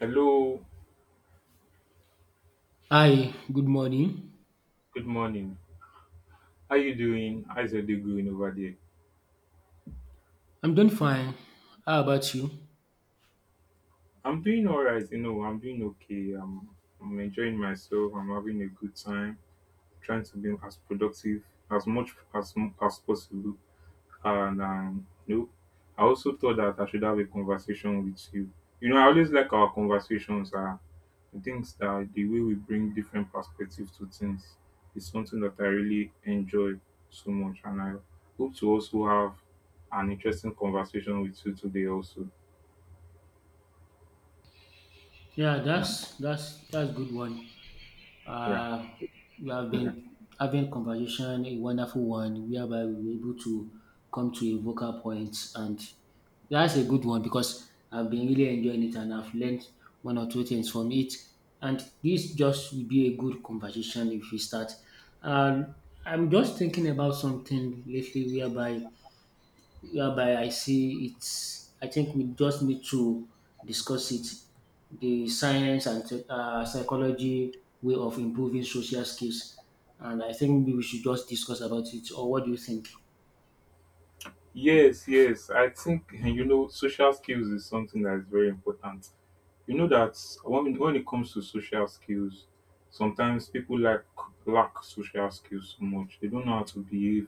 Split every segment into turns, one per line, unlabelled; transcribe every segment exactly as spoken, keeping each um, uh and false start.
Hello,
Hi, good morning.
good morning. How you doing? How's your day going over there?
I'm doing fine. How about you?
I'm doing alright, you know, I'm doing okay. I'm I'm enjoying myself. I'm having a good time, trying to be as productive as much as as possible. And um, you know, I also thought that I should have a conversation with you. You know, I always like our conversations. Uh, I think that the way we bring different perspectives to things is something that I really enjoy so much, and I hope to also have an interesting conversation with you today. Also,
Yeah,
yeah,
that's that's that's good one.
yeah,
Uh, we have
okay.
been having conversation, a wonderful one, whereby we were able to come to a vocal point, and that's a good one because I've been really enjoying it and I've learned one or two things from it. And this just will be a good conversation if we start. Um, I'm just thinking about something lately whereby whereby I see it's I think we just need to discuss it. The science and te- uh, psychology way of improving social skills, and I think maybe we should just discuss about it. Or what do you think?
Yes, yes. I think you know social skills is something that is very important. You know that when, when it comes to social skills, sometimes people like lack social skills so much, they don't know how to behave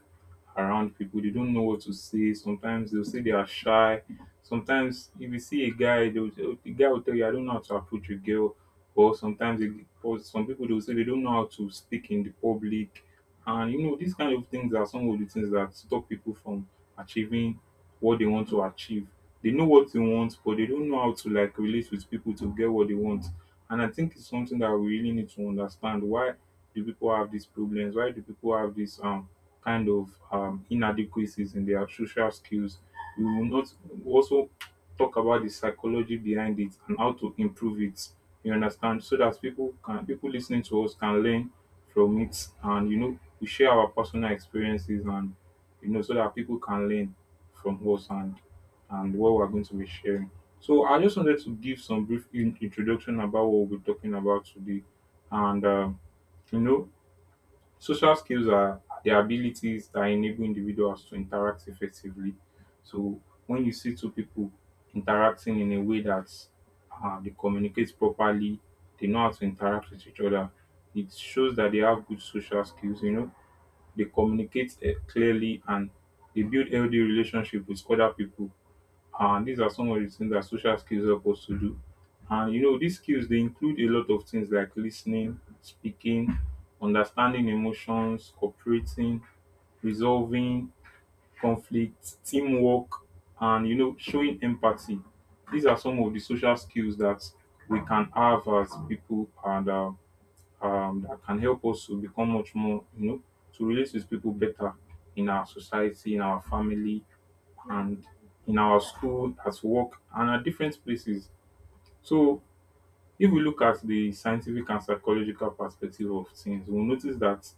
around people. They don't know what to say. Sometimes they'll say they are shy. Sometimes if you see a guy, they'll the guy will tell you, I don't know how to approach a girl. Or sometimes they, or some people, they'll say they don't know how to speak in the public. And you know these kind of things are some of the things that stop people from achieving what they want to achieve. They know what they want, but they don't know how to like relate with people to get what they want. And I think it's something that we really need to understand. Why do people have these problems? Why do people have this um kind of um inadequacies in their social skills? We will not also talk about the psychology behind it and how to improve it. You understand? So that people can people listening to us can learn from it, and you know, we share our personal experiences. And you know so that people can learn from us, and and what we're going to be sharing. So I just wanted to give some brief in- introduction about what we'll be talking about today. And um, you know, social skills are the abilities that enable individuals to interact effectively. So when you see two people interacting in a way that uh, they communicate properly, they know how to interact with each other. It shows that they have good social skills. You know, they communicate eh, clearly, and they build healthy relationship with other people. And these are some of the things that social skills help us to do. And you know, these skills, they include a lot of things like listening, speaking, understanding emotions, cooperating, resolving conflict, teamwork, and you know, showing empathy. These are some of the social skills that we can have as people, and uh, um, that can help us to become much more, you know, to relate with people better, in our society, in our family, and in our school, at work, and at different places. So if we look at the scientific and psychological perspective of things, we'll notice that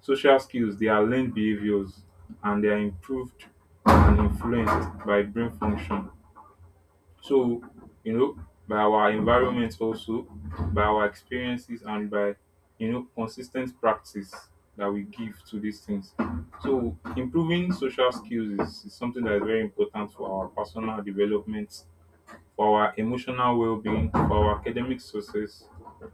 social skills, they are learned behaviors, and they are improved and influenced by brain function, so, you know, by our environment also, by our experiences, and by, you know, consistent practice that we give to these things. So improving social skills is, is something that is very important for our personal development, for our emotional well-being, for our academic success,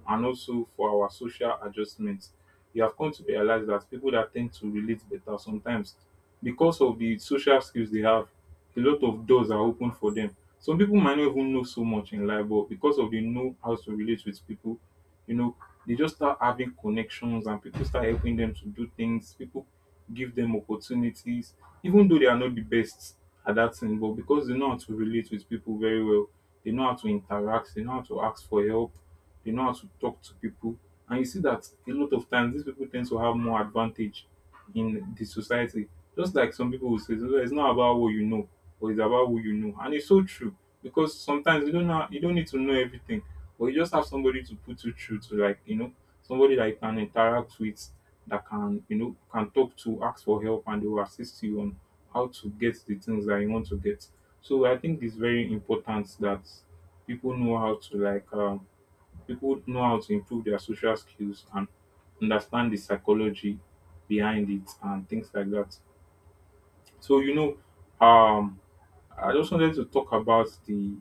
and also for our social adjustment. You have come to realize that people that tend to relate better sometimes, because of the social skills they have, a lot of doors are open for them. Some people might not even know so much in life, but because of they know how to relate with people, you know, they just start having connections, and people start helping them to do things. People give them opportunities, even though they are not the best at that thing, but because they know how to relate with people very well, they know how to interact. They know how to ask for help. They know how to talk to people. And you see that a lot of times these people tend to have more advantage in the society. Just like some people will say, "So, it's not about what you know, but it's about who you know." And it's so true, because sometimes you don't know, you don't need to know everything, but you just have somebody to put you through to, like, you know, somebody that you can interact with, that can, you know, can talk to, ask for help, and they will assist you on how to get the things that you want to get. So I think it's very important that people know how to like um, people know how to improve their social skills and understand the psychology behind it and things like that. So you know, um, I just wanted to talk about the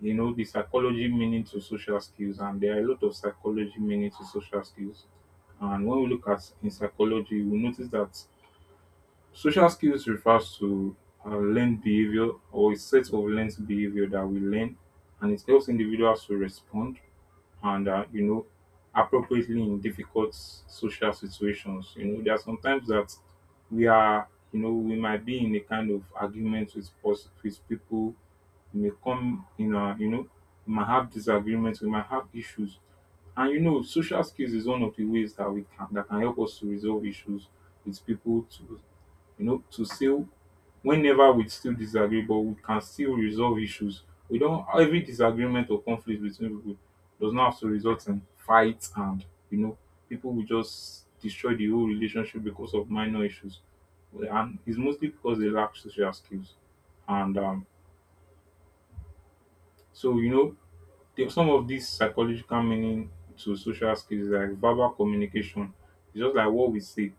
you know the psychology meaning to social skills, and there are a lot of psychology meaning to social skills. And when we look at in psychology, we notice that social skills refers to uh, learned behavior, or a set of learned behavior that we learn, and it helps individuals to respond and uh, you know appropriately in difficult social situations. You know, there are sometimes that we are you know we might be in a kind of argument with pers- with people. We may come in a you know we might have disagreements. We might have issues, and you know social skills is one of the ways that we can that can help us to resolve issues with people to you know, to still, whenever we still disagree, but we can still resolve issues. We don't, every disagreement or conflict between people does not have to result in fights and, you know, people will just destroy the whole relationship because of minor issues. And it's mostly because they lack social skills. And um, so, you know, there- some of these psychological meaning to social skills, is like verbal communication. It's just like what we say.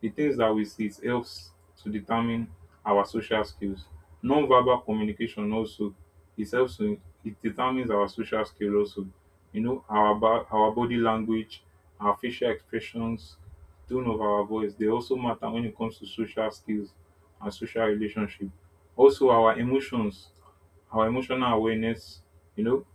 The things that we see, it helps to determine our social skills. Non-verbal communication also, it helps to, it determines our social skill also. You know, our ba- our body language, our facial expressions, tone of our voice, they also matter when it comes to social skills and social relationship. Also our emotions, our emotional awareness, you know,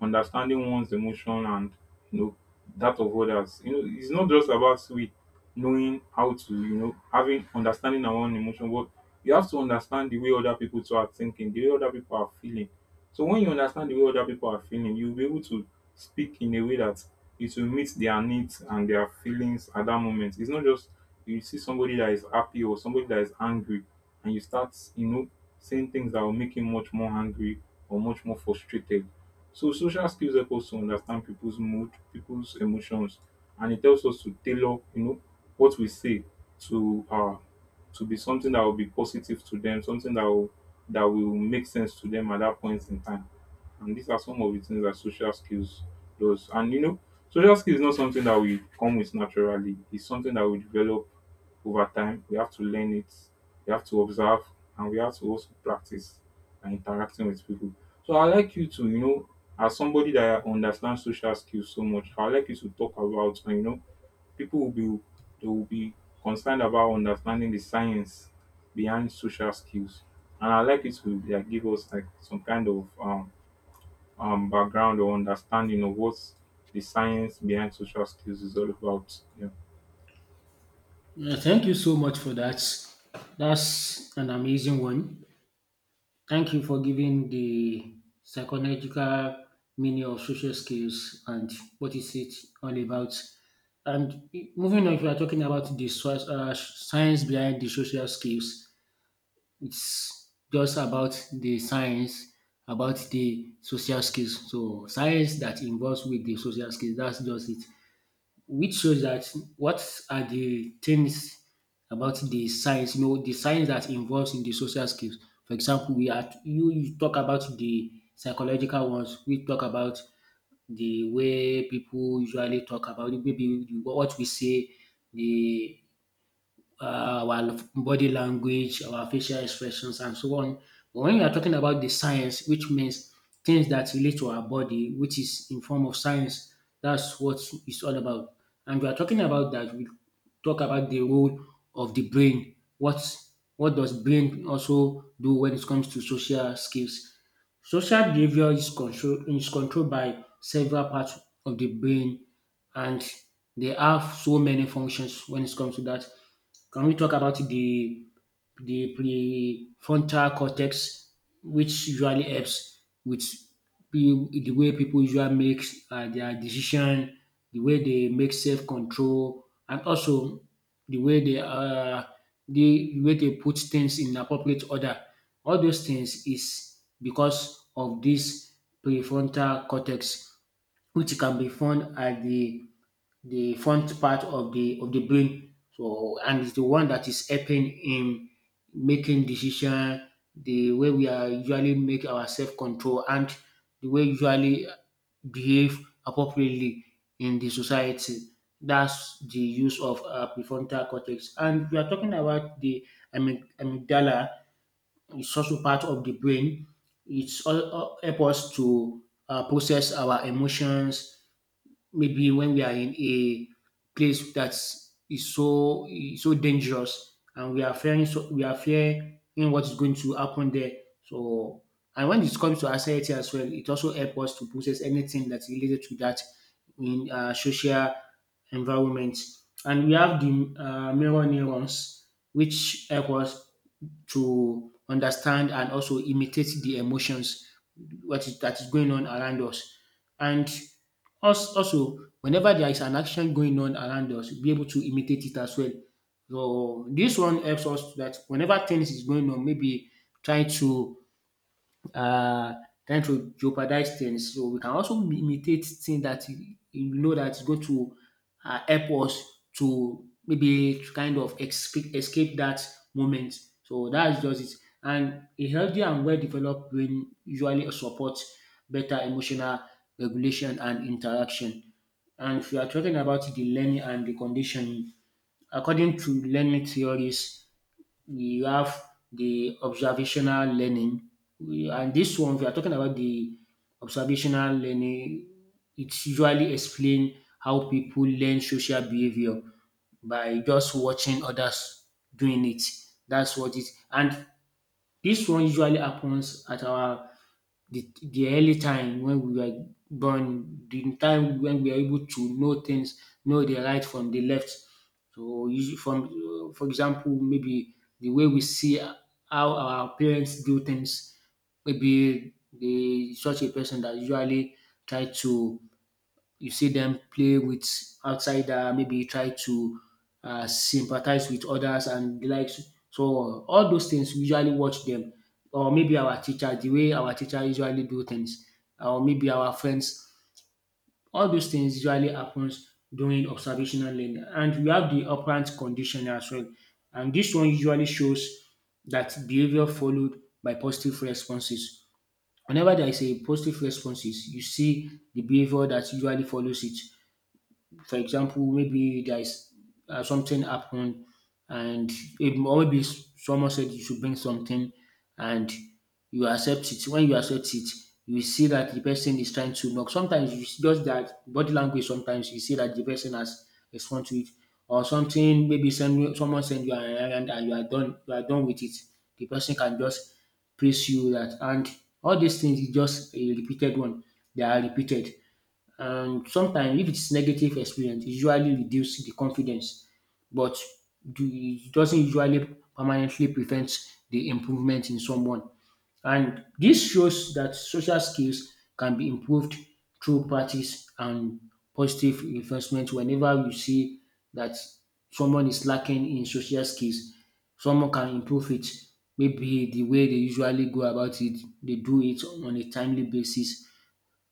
understanding one's emotion and you know that of others. You know, it's not just about we knowing how to, you know, having understanding our own emotion, but you have to understand the way other people too are thinking, the way other people are feeling. So when you understand the way other people are feeling, you'll be able to speak in a way that it will meet their needs and their feelings at that moment. It's not just you see somebody that is happy or somebody that is angry, and you start, you know, saying things that will make him much more angry or much more frustrated. So social skills help us to understand people's mood, people's emotions, and it helps us to tailor, you know, what we say, to uh to be something that will be positive to them, something that will that will make sense to them at that point in time. And these are some of the things that social skills does. And you know, social skills is not something that we come with naturally. It's something that we develop over time. We have to learn it, we have to observe, and we have to also practice and interacting with people. So I like you to, you know, as somebody that understands social skills so much, I would like you to talk about you know people will be they will be concerned about understanding the science behind social skills. And I'd like you to like give us like some kind of um um background or understanding of what the science behind social skills is all about. Yeah.
Yeah, thank you so much for that. That's an amazing one. Thank you for giving the psychological meaning of social skills and what is it all about. And moving on, if we are talking about the so- uh, science behind the social skills, it's just about the science about the social skills. So science that involves with the social skills, that's just it, which shows that what are the things about the science, you know, the science that involves in the social skills. For example, we are you, you talk about the psychological ones. We talk about the way people usually talk about it, maybe the- what we say, the uh, our body language, our facial expressions, and so on. But when you are talking about the science, which means things that relate to our body, which is in form of science, that's what it's all about. And we are talking about that. We talk about the role of the brain. What what does brain also do when it comes to social skills? Social behavior is control is controlled by several parts of the brain, and they have so many functions when it comes to that. Can we talk about the the prefrontal cortex, which usually helps with pe- the way people usually make uh, their decision, the way they make self control, and also the way they uh, the way they put things in appropriate order. All those things is because of this prefrontal cortex, which can be found at the the front part of the of the brain. So and it's the one that is helping in making decision, the way we are usually make our self control and the way we usually behave appropriately in the society. That's the use of uh, prefrontal cortex. And we are talking about the amy- amygdala. It's also part of the brain. It's all, all help us to uh, process our emotions, maybe when we are in a place that is so is so dangerous and we are fearing, so we are fearing what is going to happen there. So and when it comes to anxiety as well, it also helps us to process anything that's related to that in uh, social environment. And we have the uh, mirror neurons, which help us to understand and also imitate the emotions what is that is going on around us. And us also, whenever there is an action going on around us, be able to imitate it as well. So this one helps us that whenever things is going on, maybe try to uh, trying to jeopardize things. So we can also imitate things that, you know, that is going to uh, help us to maybe to kind of escape, escape that moment. So that's just it. And a healthy and well-developed brain usually supports better emotional regulation and interaction. And if you are talking about the learning and the conditioning, according to learning theories, you have the observational learning. We- And this one, we are talking about the observational learning. It's usually explain how people learn social behavior by just watching others doing it. That's what it. And this one usually happens at our the, the early time when we were born, the time when we are able to know things, know the right from the left. So, usually from uh, for example, maybe the way we see how our parents do things, maybe the such a person that usually try to you see them play with outsider, maybe try to uh, sympathize with others and the likes. So all those things we usually watch them, or maybe our teacher, the way our teacher usually do things, or maybe our friends. All those things usually happens during observational learning, and we have the operant condition as well. And this one usually shows that behavior followed by positive responses. Whenever there is a positive responses, you see the behavior that usually follows it. For example, maybe there is uh, something happened and it, or maybe someone said you should bring something and you accept it. When you accept it, you see that the person is trying to knock. Sometimes it's just that body language. Sometimes you see that the person has responded to it or something. Maybe send, someone send you an errand and you are done. You are done with it. The person can just praise you that, and all these things is just a repeated one. They are repeated. And sometimes, if it's negative experience, it usually reduces the confidence, but do- it doesn't usually permanently prevent the improvement in someone. And this shows that social skills can be improved through practice and positive reinforcement. Whenever you see that someone is lacking in social skills, someone can improve it. Maybe the way they usually go about it, they do it on a timely basis,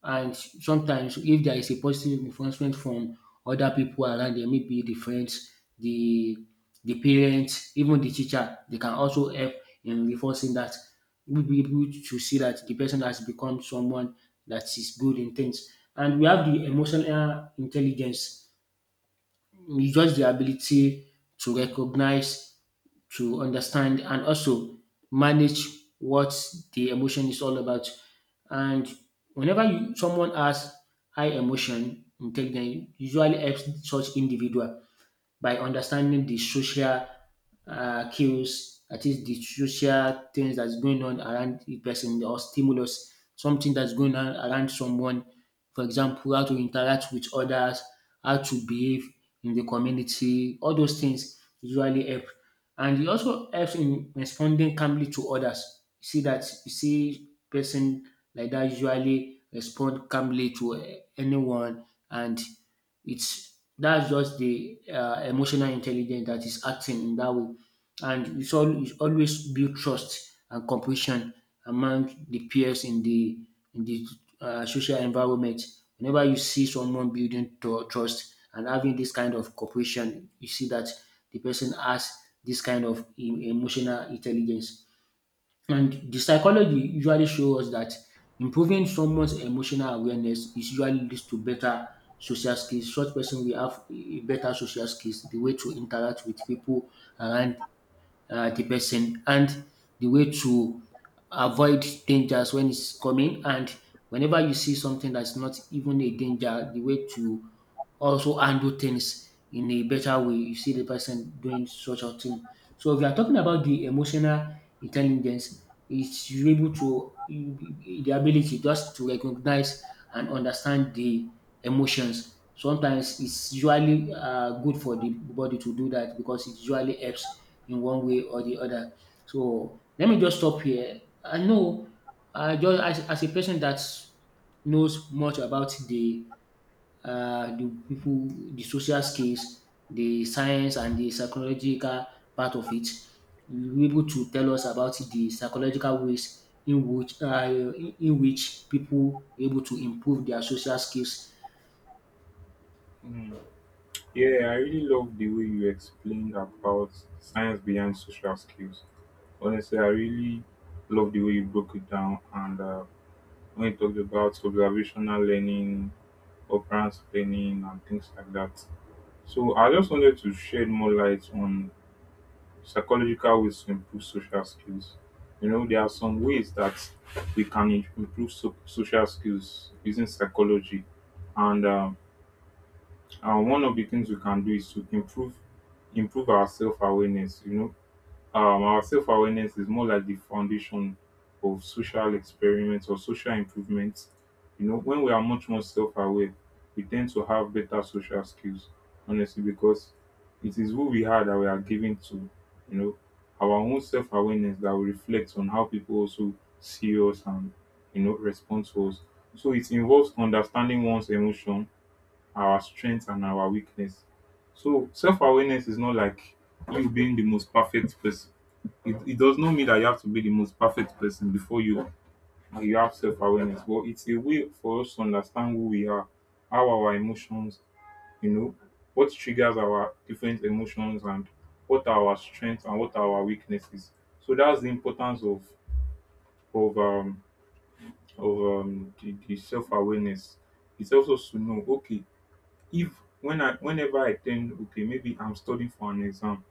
and sometimes if there is a positive reinforcement from other people around them, maybe the friends, the the parents, even the teacher, they can also help in reinforcing that. We'll be able to see that the person has become someone that is good in things. And we have the emotional intelligence. It's just the ability to recognize, to understand and also manage what the emotion is all about. And whenever you, someone has high emotion intake, then usually helps such individual by understanding the social uh, cues, that is the social things that's going on around the person or stimulus, something that's going on around someone. For example, how to interact with others, how to behave in the community, all those things usually help. And it also helps in responding calmly to others. You see that you see person like that usually respond calmly to eh, anyone, and it's that's just the uh, emotional intelligence that is acting in that way, and it's all it's always build trust and compassion among the peers in the in the uh, social environment. Whenever you see someone building tru- trust and having this kind of cooperation, you see that the person has this kind of em- emotional intelligence. And the psychology usually shows us that improving someone's emotional awareness is usually leads to better social skills. Such person will have a better social skills, the way to interact with people around uh, the person and the way to avoid dangers when it's coming. And whenever you see something that's not even a danger, the way to also handle things in a better way. You see the person doing such a thing. So if you are talking about the emotional intelligence, it's you're able to the ability just to recognize and understand the emotions. Sometimes it's usually uh, good for the body to do that because it usually helps in one way or the other. So let me just stop here. I know, I just as, as a person that knows much about the uh, the people, the social skills, the science, and the psychological part of it, you will be able to tell us about the psychological ways in which uh, in in which people are able to improve their social skills.
Mm. Yeah, I really love the way you explained about science behind social skills. Honestly, I really love the way you broke it down, and uh, when you talked about observational learning, occurrence planning, and things like that. So I just wanted to shed more light on psychological ways to improve social skills. You know, there are some ways that we can im- improve so- social skills using psychology, and um, uh, one of the things we can do is to improve improve our self awareness. You know, um our self-awareness is more like the foundation of social experiments or social improvements. You know, when we are much more self-aware, we tend to have better social skills, honestly, because it is who we are that we are giving to, you know, our own self-awareness that will reflect on how people also see us and you know respond to us. So it involves understanding one's emotion, our strengths and our weakness. So self-awareness is not like you being the most perfect person it, it does not mean that you have to be the most perfect person before you you have self-awareness, but it's a way for us to understand who we are, how our emotions, you know what triggers our different emotions, and what are our strengths and what are our weaknesses. So that's the importance of of um of um the, the self-awareness. It's also to know, okay, if when I whenever I tend okay, maybe I'm studying for an exam.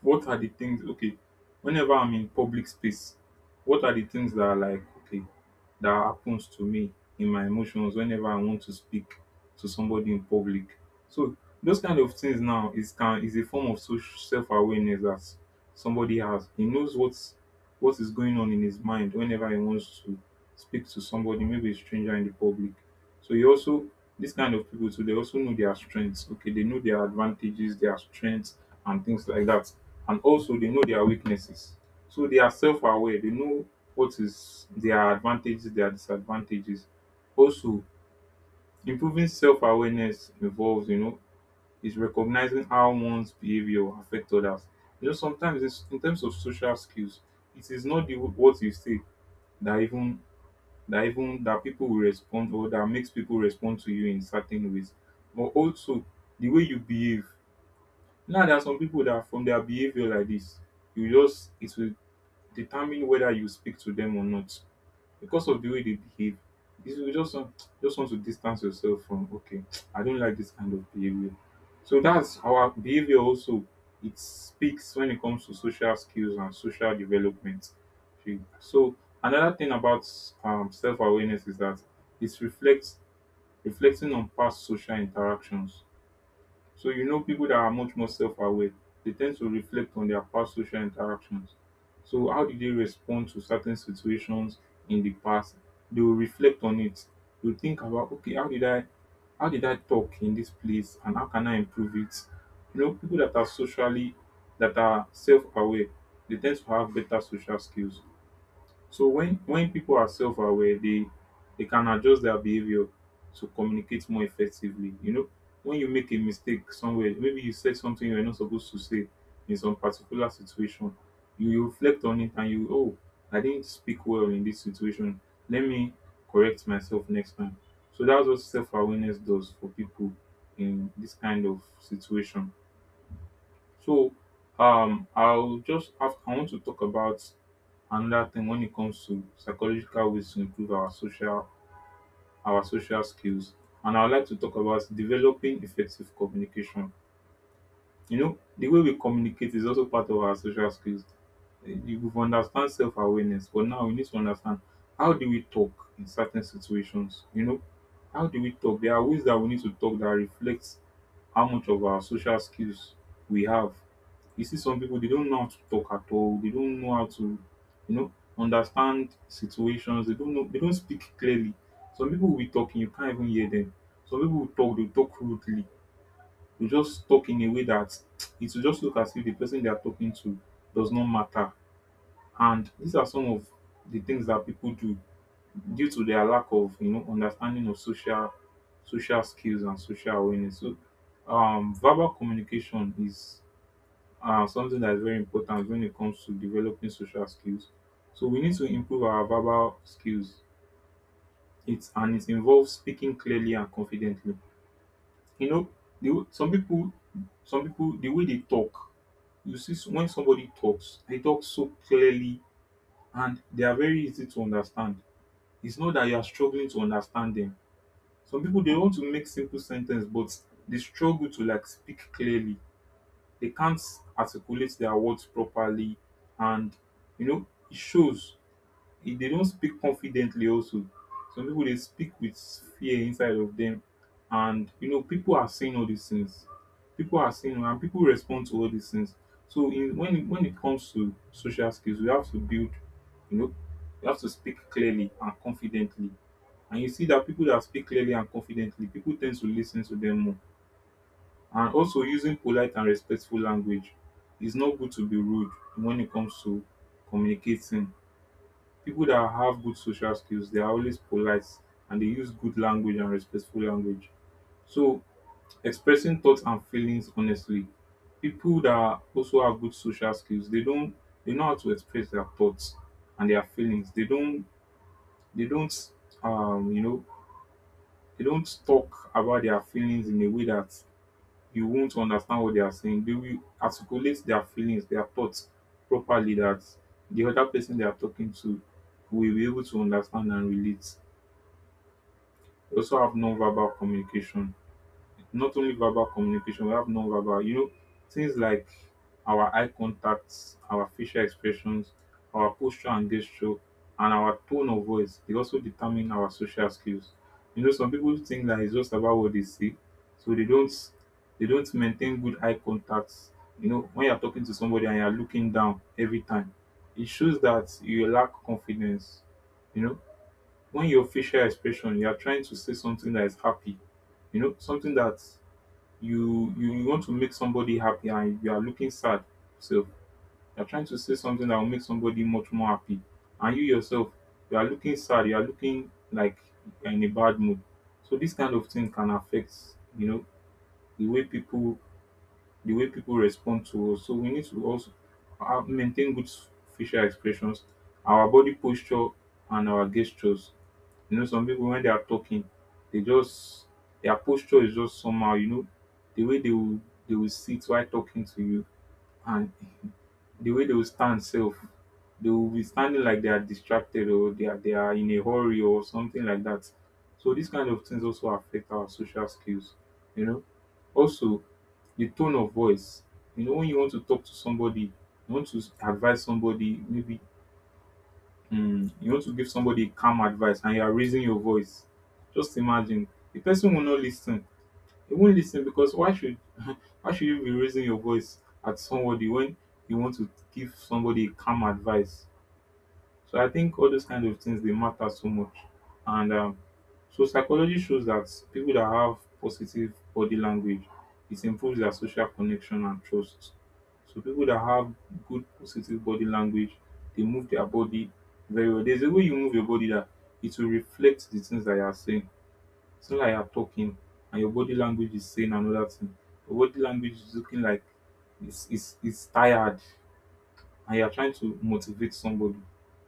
What are the things, okay, whenever I'm in public space, what are the things that are like okay, that happens to me in my emotions whenever I want to speak to somebody in public? So those kind of things now is can is a form of social self awareness that somebody has. He knows what's what is going on in his mind whenever he wants to speak to somebody, maybe a stranger in the public. So you also, this kind of people too, they also know their strengths. Okay, they know their advantages, their strengths, and things like that. And also they know their weaknesses. So they are self-aware. They know what is their advantages, their disadvantages. Also, improving self-awareness involves, you know, is recognizing how one's behavior affects others. You know, sometimes it's, in terms of social skills, it is not the what you say that even that even that people will respond, or that makes people respond to you in certain ways, but also the way you behave. Now there are some people that from their behavior like this, you just, it will determine whether you speak to them or not, because of the way they behave. Is you just want, just want to distance yourself from, okay, I don't like this kind of behavior. So that's our behavior also, it speaks when it comes to social skills and social development. Okay, so another thing about um, self-awareness is that it's reflects reflecting on past social interactions. So you know, people that are much more self-aware, they tend to reflect on their past social interactions. So how did they respond to certain situations in the past? They will reflect on it. They'll think about, okay, how did I how did I talk in this place and how can I improve it? You know, people that are socially that are self-aware, they tend to have better social skills. So when when people are self-aware, they they can adjust their behavior to communicate more effectively. You know, when you make a mistake somewhere, maybe you said something you're not supposed to say in some particular situation, you reflect on it and you, oh, I didn't speak well in this situation. Let me correct myself next time. So that's what self-awareness does for people in this kind of situation. So um I'll just have I want to talk about another thing when it comes to psychological ways to improve our social our social skills. And I'd like to talk about developing effective communication. You know, the way we communicate is also part of our social skills. Eh, You would understand self awareness, but now we need to understand how do we talk in certain situations. You know, how do we talk? There are ways that we need to talk that reflects how much of our social skills we have. You see, some people they don't know how to talk at all. They don't know how to, you know, understand situations. They don't know they don't speak clearly. Some people will be talking, you can't even hear them. Some people will talk, they talk rudely. They just talk in a way that it will just look as if the person they are talking to does not matter. And these are some of the things that people do due to their lack of you know understanding of social social skills and social awareness. So um verbal communication is uh, something that is very important when it comes to developing social skills. So we need to improve our verbal skills. It's and it involves speaking clearly and confidently. You know, the, w- some people, some people, the way they talk. You see, s- when somebody talks, they talk so clearly and they are very easy to understand. It's not that you are struggling to understand them. Some people they want to make simple sentence, but they struggle to like speak clearly. They can't articulate their words properly, and you know it shows. If they don't speak confidently also, some people they speak with fear inside of them. And you know, people are saying all these things, people are saying and people respond to all these things. So in, when it, when it comes to social skills, we have to build, you know, you have to speak clearly and confidently. And you see that people that speak clearly and confidently, people tend to listen to them more. And also using polite and respectful language, it's not good to be rude when it comes to communicating. People that have good social skills, they are always polite and they use good language and respectful language. So expressing thoughts and feelings honestly, people that also have good social skills, they don't they know how to express their thoughts and their feelings. they don't they don't um you know they don't talk about their feelings in a way that you won't understand what they are saying. They will articulate their feelings, their thoughts properly, that the other person they are talking to will be able to understand and relate. They also have non-verbal communication, not only verbal communication, we have non-verbal. You know, things like our eye contacts, our facial expressions, our posture and gesture, and our tone of voice. They also determine our social skills. You know, some people think that it's just about what they see, so they don't they don't maintain good eye contacts. You know, when you're talking to somebody and you're looking down every time, it shows that you lack confidence. You know, when your facial expression, you are trying to say something that is happy, you know, something that you you you want to make somebody happy and you are looking sad. So you're trying to say something that will make somebody much more happy, and you yourself, you are looking sad, you are looking like you're in a bad mood. So this kind of thing can affect, you know, the way people the way people respond to us. So we need to also have, maintain good facial expressions, our body posture and our gestures. You know, some people when they are talking, they just, their posture is just somehow, you know, the way they will they will sit while talking to you. And the way they will stand self, they will be standing like they are distracted, or they are they are in a hurry or something like that. So these kind of things also affect our social skills, you know. Also, the tone of voice. You know, when you want to talk to somebody, you want to advise somebody, maybe Mm, you want to give somebody calm advice and you are raising your voice. Just imagine, the person will not listen. He won't listen, because why should, why should you be raising your voice at somebody when you want to give somebody calm advice? So I think all those kind of things, they matter so much. And um, so psychology shows that people that have positive body language, it improves their social connection and trust. So people that have good positive body language, they move their body very well. There's a way you move your body that it will reflect the things that you are saying. It's not like you're talking and your body language is saying another thing. Your body language is looking like it's, it's, it's tired and you are trying to motivate somebody.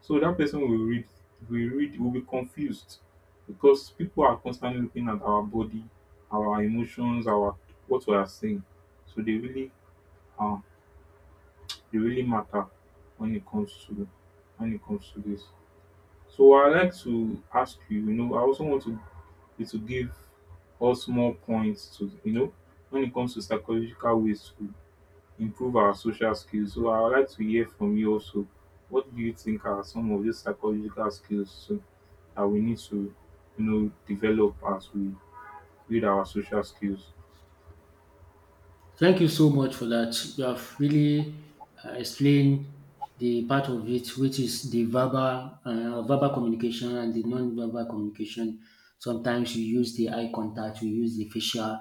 So that person will read, will read, will be confused, because people are constantly looking at our body, our emotions, our what we are saying. So they really uh, they really matter when it comes to when it comes to this. So I like to ask you, you know, I also want to you to give us more points to, you know, when it comes to psychological ways to improve our social skills. So I would like to hear from you also. What do you think are some of these psychological skills so, that we need to, you know, develop as we build our social skills?
Thank you so much for that. You have really uh, explained the part of it, which is the verbal, uh, verbal communication and the non-verbal communication. Sometimes you use the eye contact, you use the facial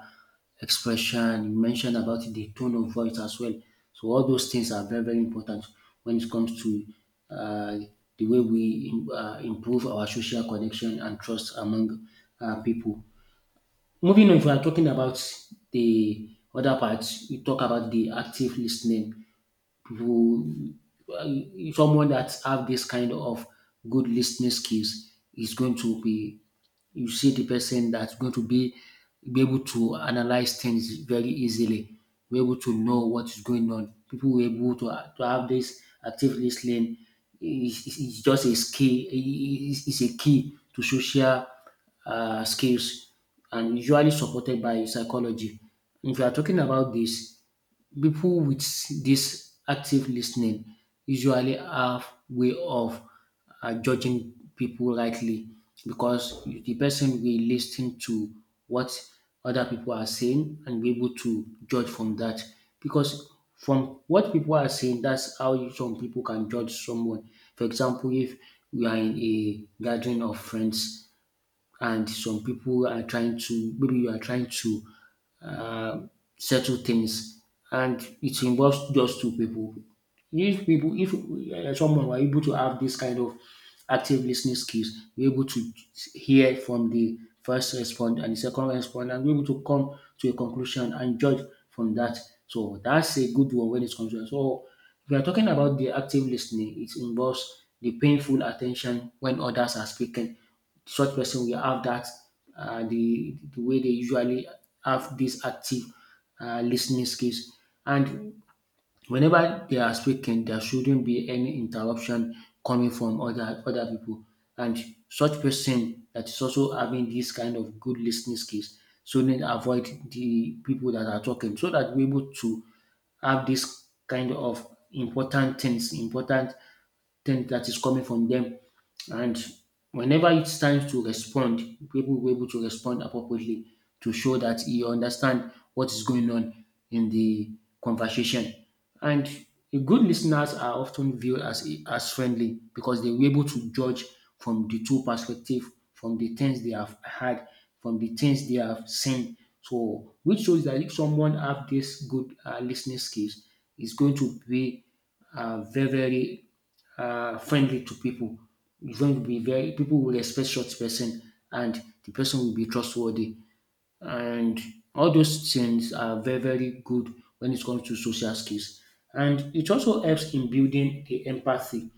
expression. You mentioned about the tone of voice as well. So all those things are very, very important when it comes to uh, the way we uh, improve our social connection and trust among uh, people. Moving on, if we are talking about the other part, we talk about the active lis ten ing. Who, well, someone that have this kind of good listening skills is going to be you see the person that's going to be be able to analyze things very easily, be able to know what is going on people were able to, to have this active listening is, is is just a skill is, is a key to social uh, skills and usually supported by psychology if you are talking about this. People with this active listening usually have way of uh, judging people rightly because the person will listen to what other people are saying and be able to judge from that. Because from what people are saying, that's how some people can judge someone. For example, if we are in a gathering of friends and some people are trying to maybe you are trying to um, settle things and it involves just two people. If people, if uh, someone were able to have this kind of active listening skills, be able to hear from the first respondent and the second respondent, and be able to come to a conclusion and judge from that. So that's a good one when it comes to that. So if we are talking about the active listening, it involves the painful attention when others are speaking, such person will have that uh, the the way they usually have this active uh, listening skills. And whenever they are speaking, there shouldn't be any interruption coming from other other people. And such person that is also having this kind of good listening skills shouldn't avoid the people that are talking so that we're able to have this kind of important things, important thing that is coming from them. And whenever it's time to respond, people will be able to respond appropriately to show that you understand what is going on in the conversation. And good listeners are often viewed as as friendly because they were able to judge from the two perspective, from the things they have heard, from the things they have seen. So, which shows that if someone have this good uh, listening skills, is going to be uh, very very uh, friendly to people. It's going to be very, people will respect such person, and the person will be trustworthy. And all those things are very very good when it comes to social skills. And it also helps in building the empathy.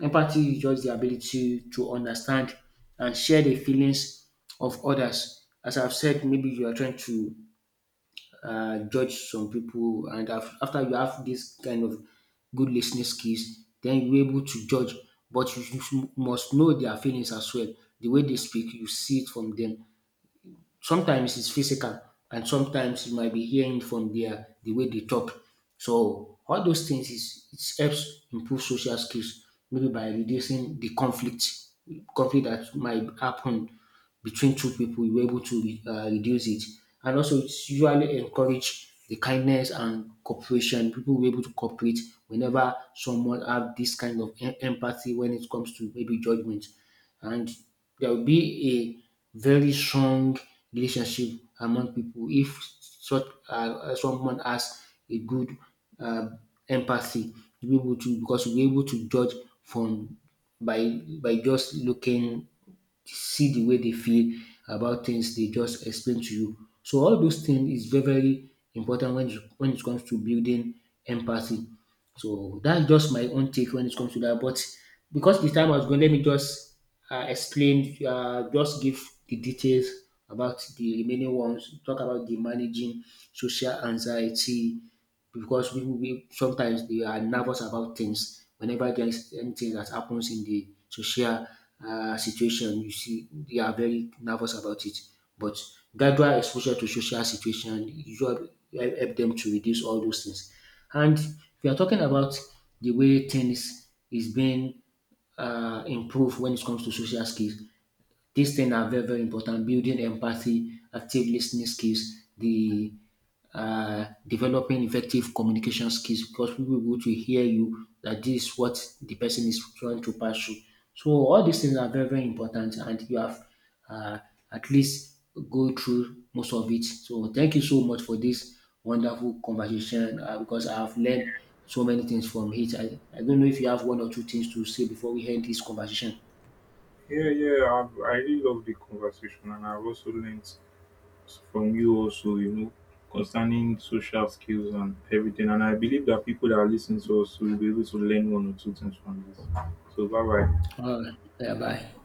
Empathy is just the ability to understand and share the feelings of others. As I've said, maybe you are trying to uh, judge some people and af- after you have this kind of good listening skills, then you're able to judge, but you, you must know their feelings as well, the way they speak you see it from them. Sometimes it's physical, and sometimes you might be hearing from their the way they talk. So all those things is it helps improve social skills, maybe by reducing the conflict conflict that might happen between two people. You're able to re- uh, reduce it, and also it's usually encourage the kindness and cooperation. People were able to cooperate whenever someone have this kind of em- empathy when it comes to maybe judgment, and there will be a very strong relationship among people if such uh, someone has a good uh, empathy. You'll be able to, because you'll be able to judge from by by just looking, see the way they feel about things they just explain to you. So all those things is very, very important when it, when it comes to building empathy. So that's just my own take when it comes to that. But because the time was gone, let me just uh, explain, uh, just give the details about the remaining ones, talk about the managing social anxiety, because we, we sometimes they are nervous about things. Whenever there is anything that happens in the social uh, situation, you see they are very nervous about it. But gradual exposure to social situation usually help help them to reduce all those things. And we are talking about the way things is being uh, improve when it comes to social skills. These things are very, very important. Building empathy, active listening skills, the uh, developing effective communication skills, because people will to hear you that this is what the person is trying to pass through. So all these things are very, very important and you have uh, at least go through most of it. So thank you so much for this wonderful conversation uh, because I have learned so many things from it. I, I don't know if you have one or two things to say before we end this conversation.
Yeah, yeah, I've, I really love the conversation, and I've also learned from you also, you know, concerning social skills and everything. And I believe that people that are listening to us will be able to learn one or two things from this. So bye bye.
All right. Yeah, bye.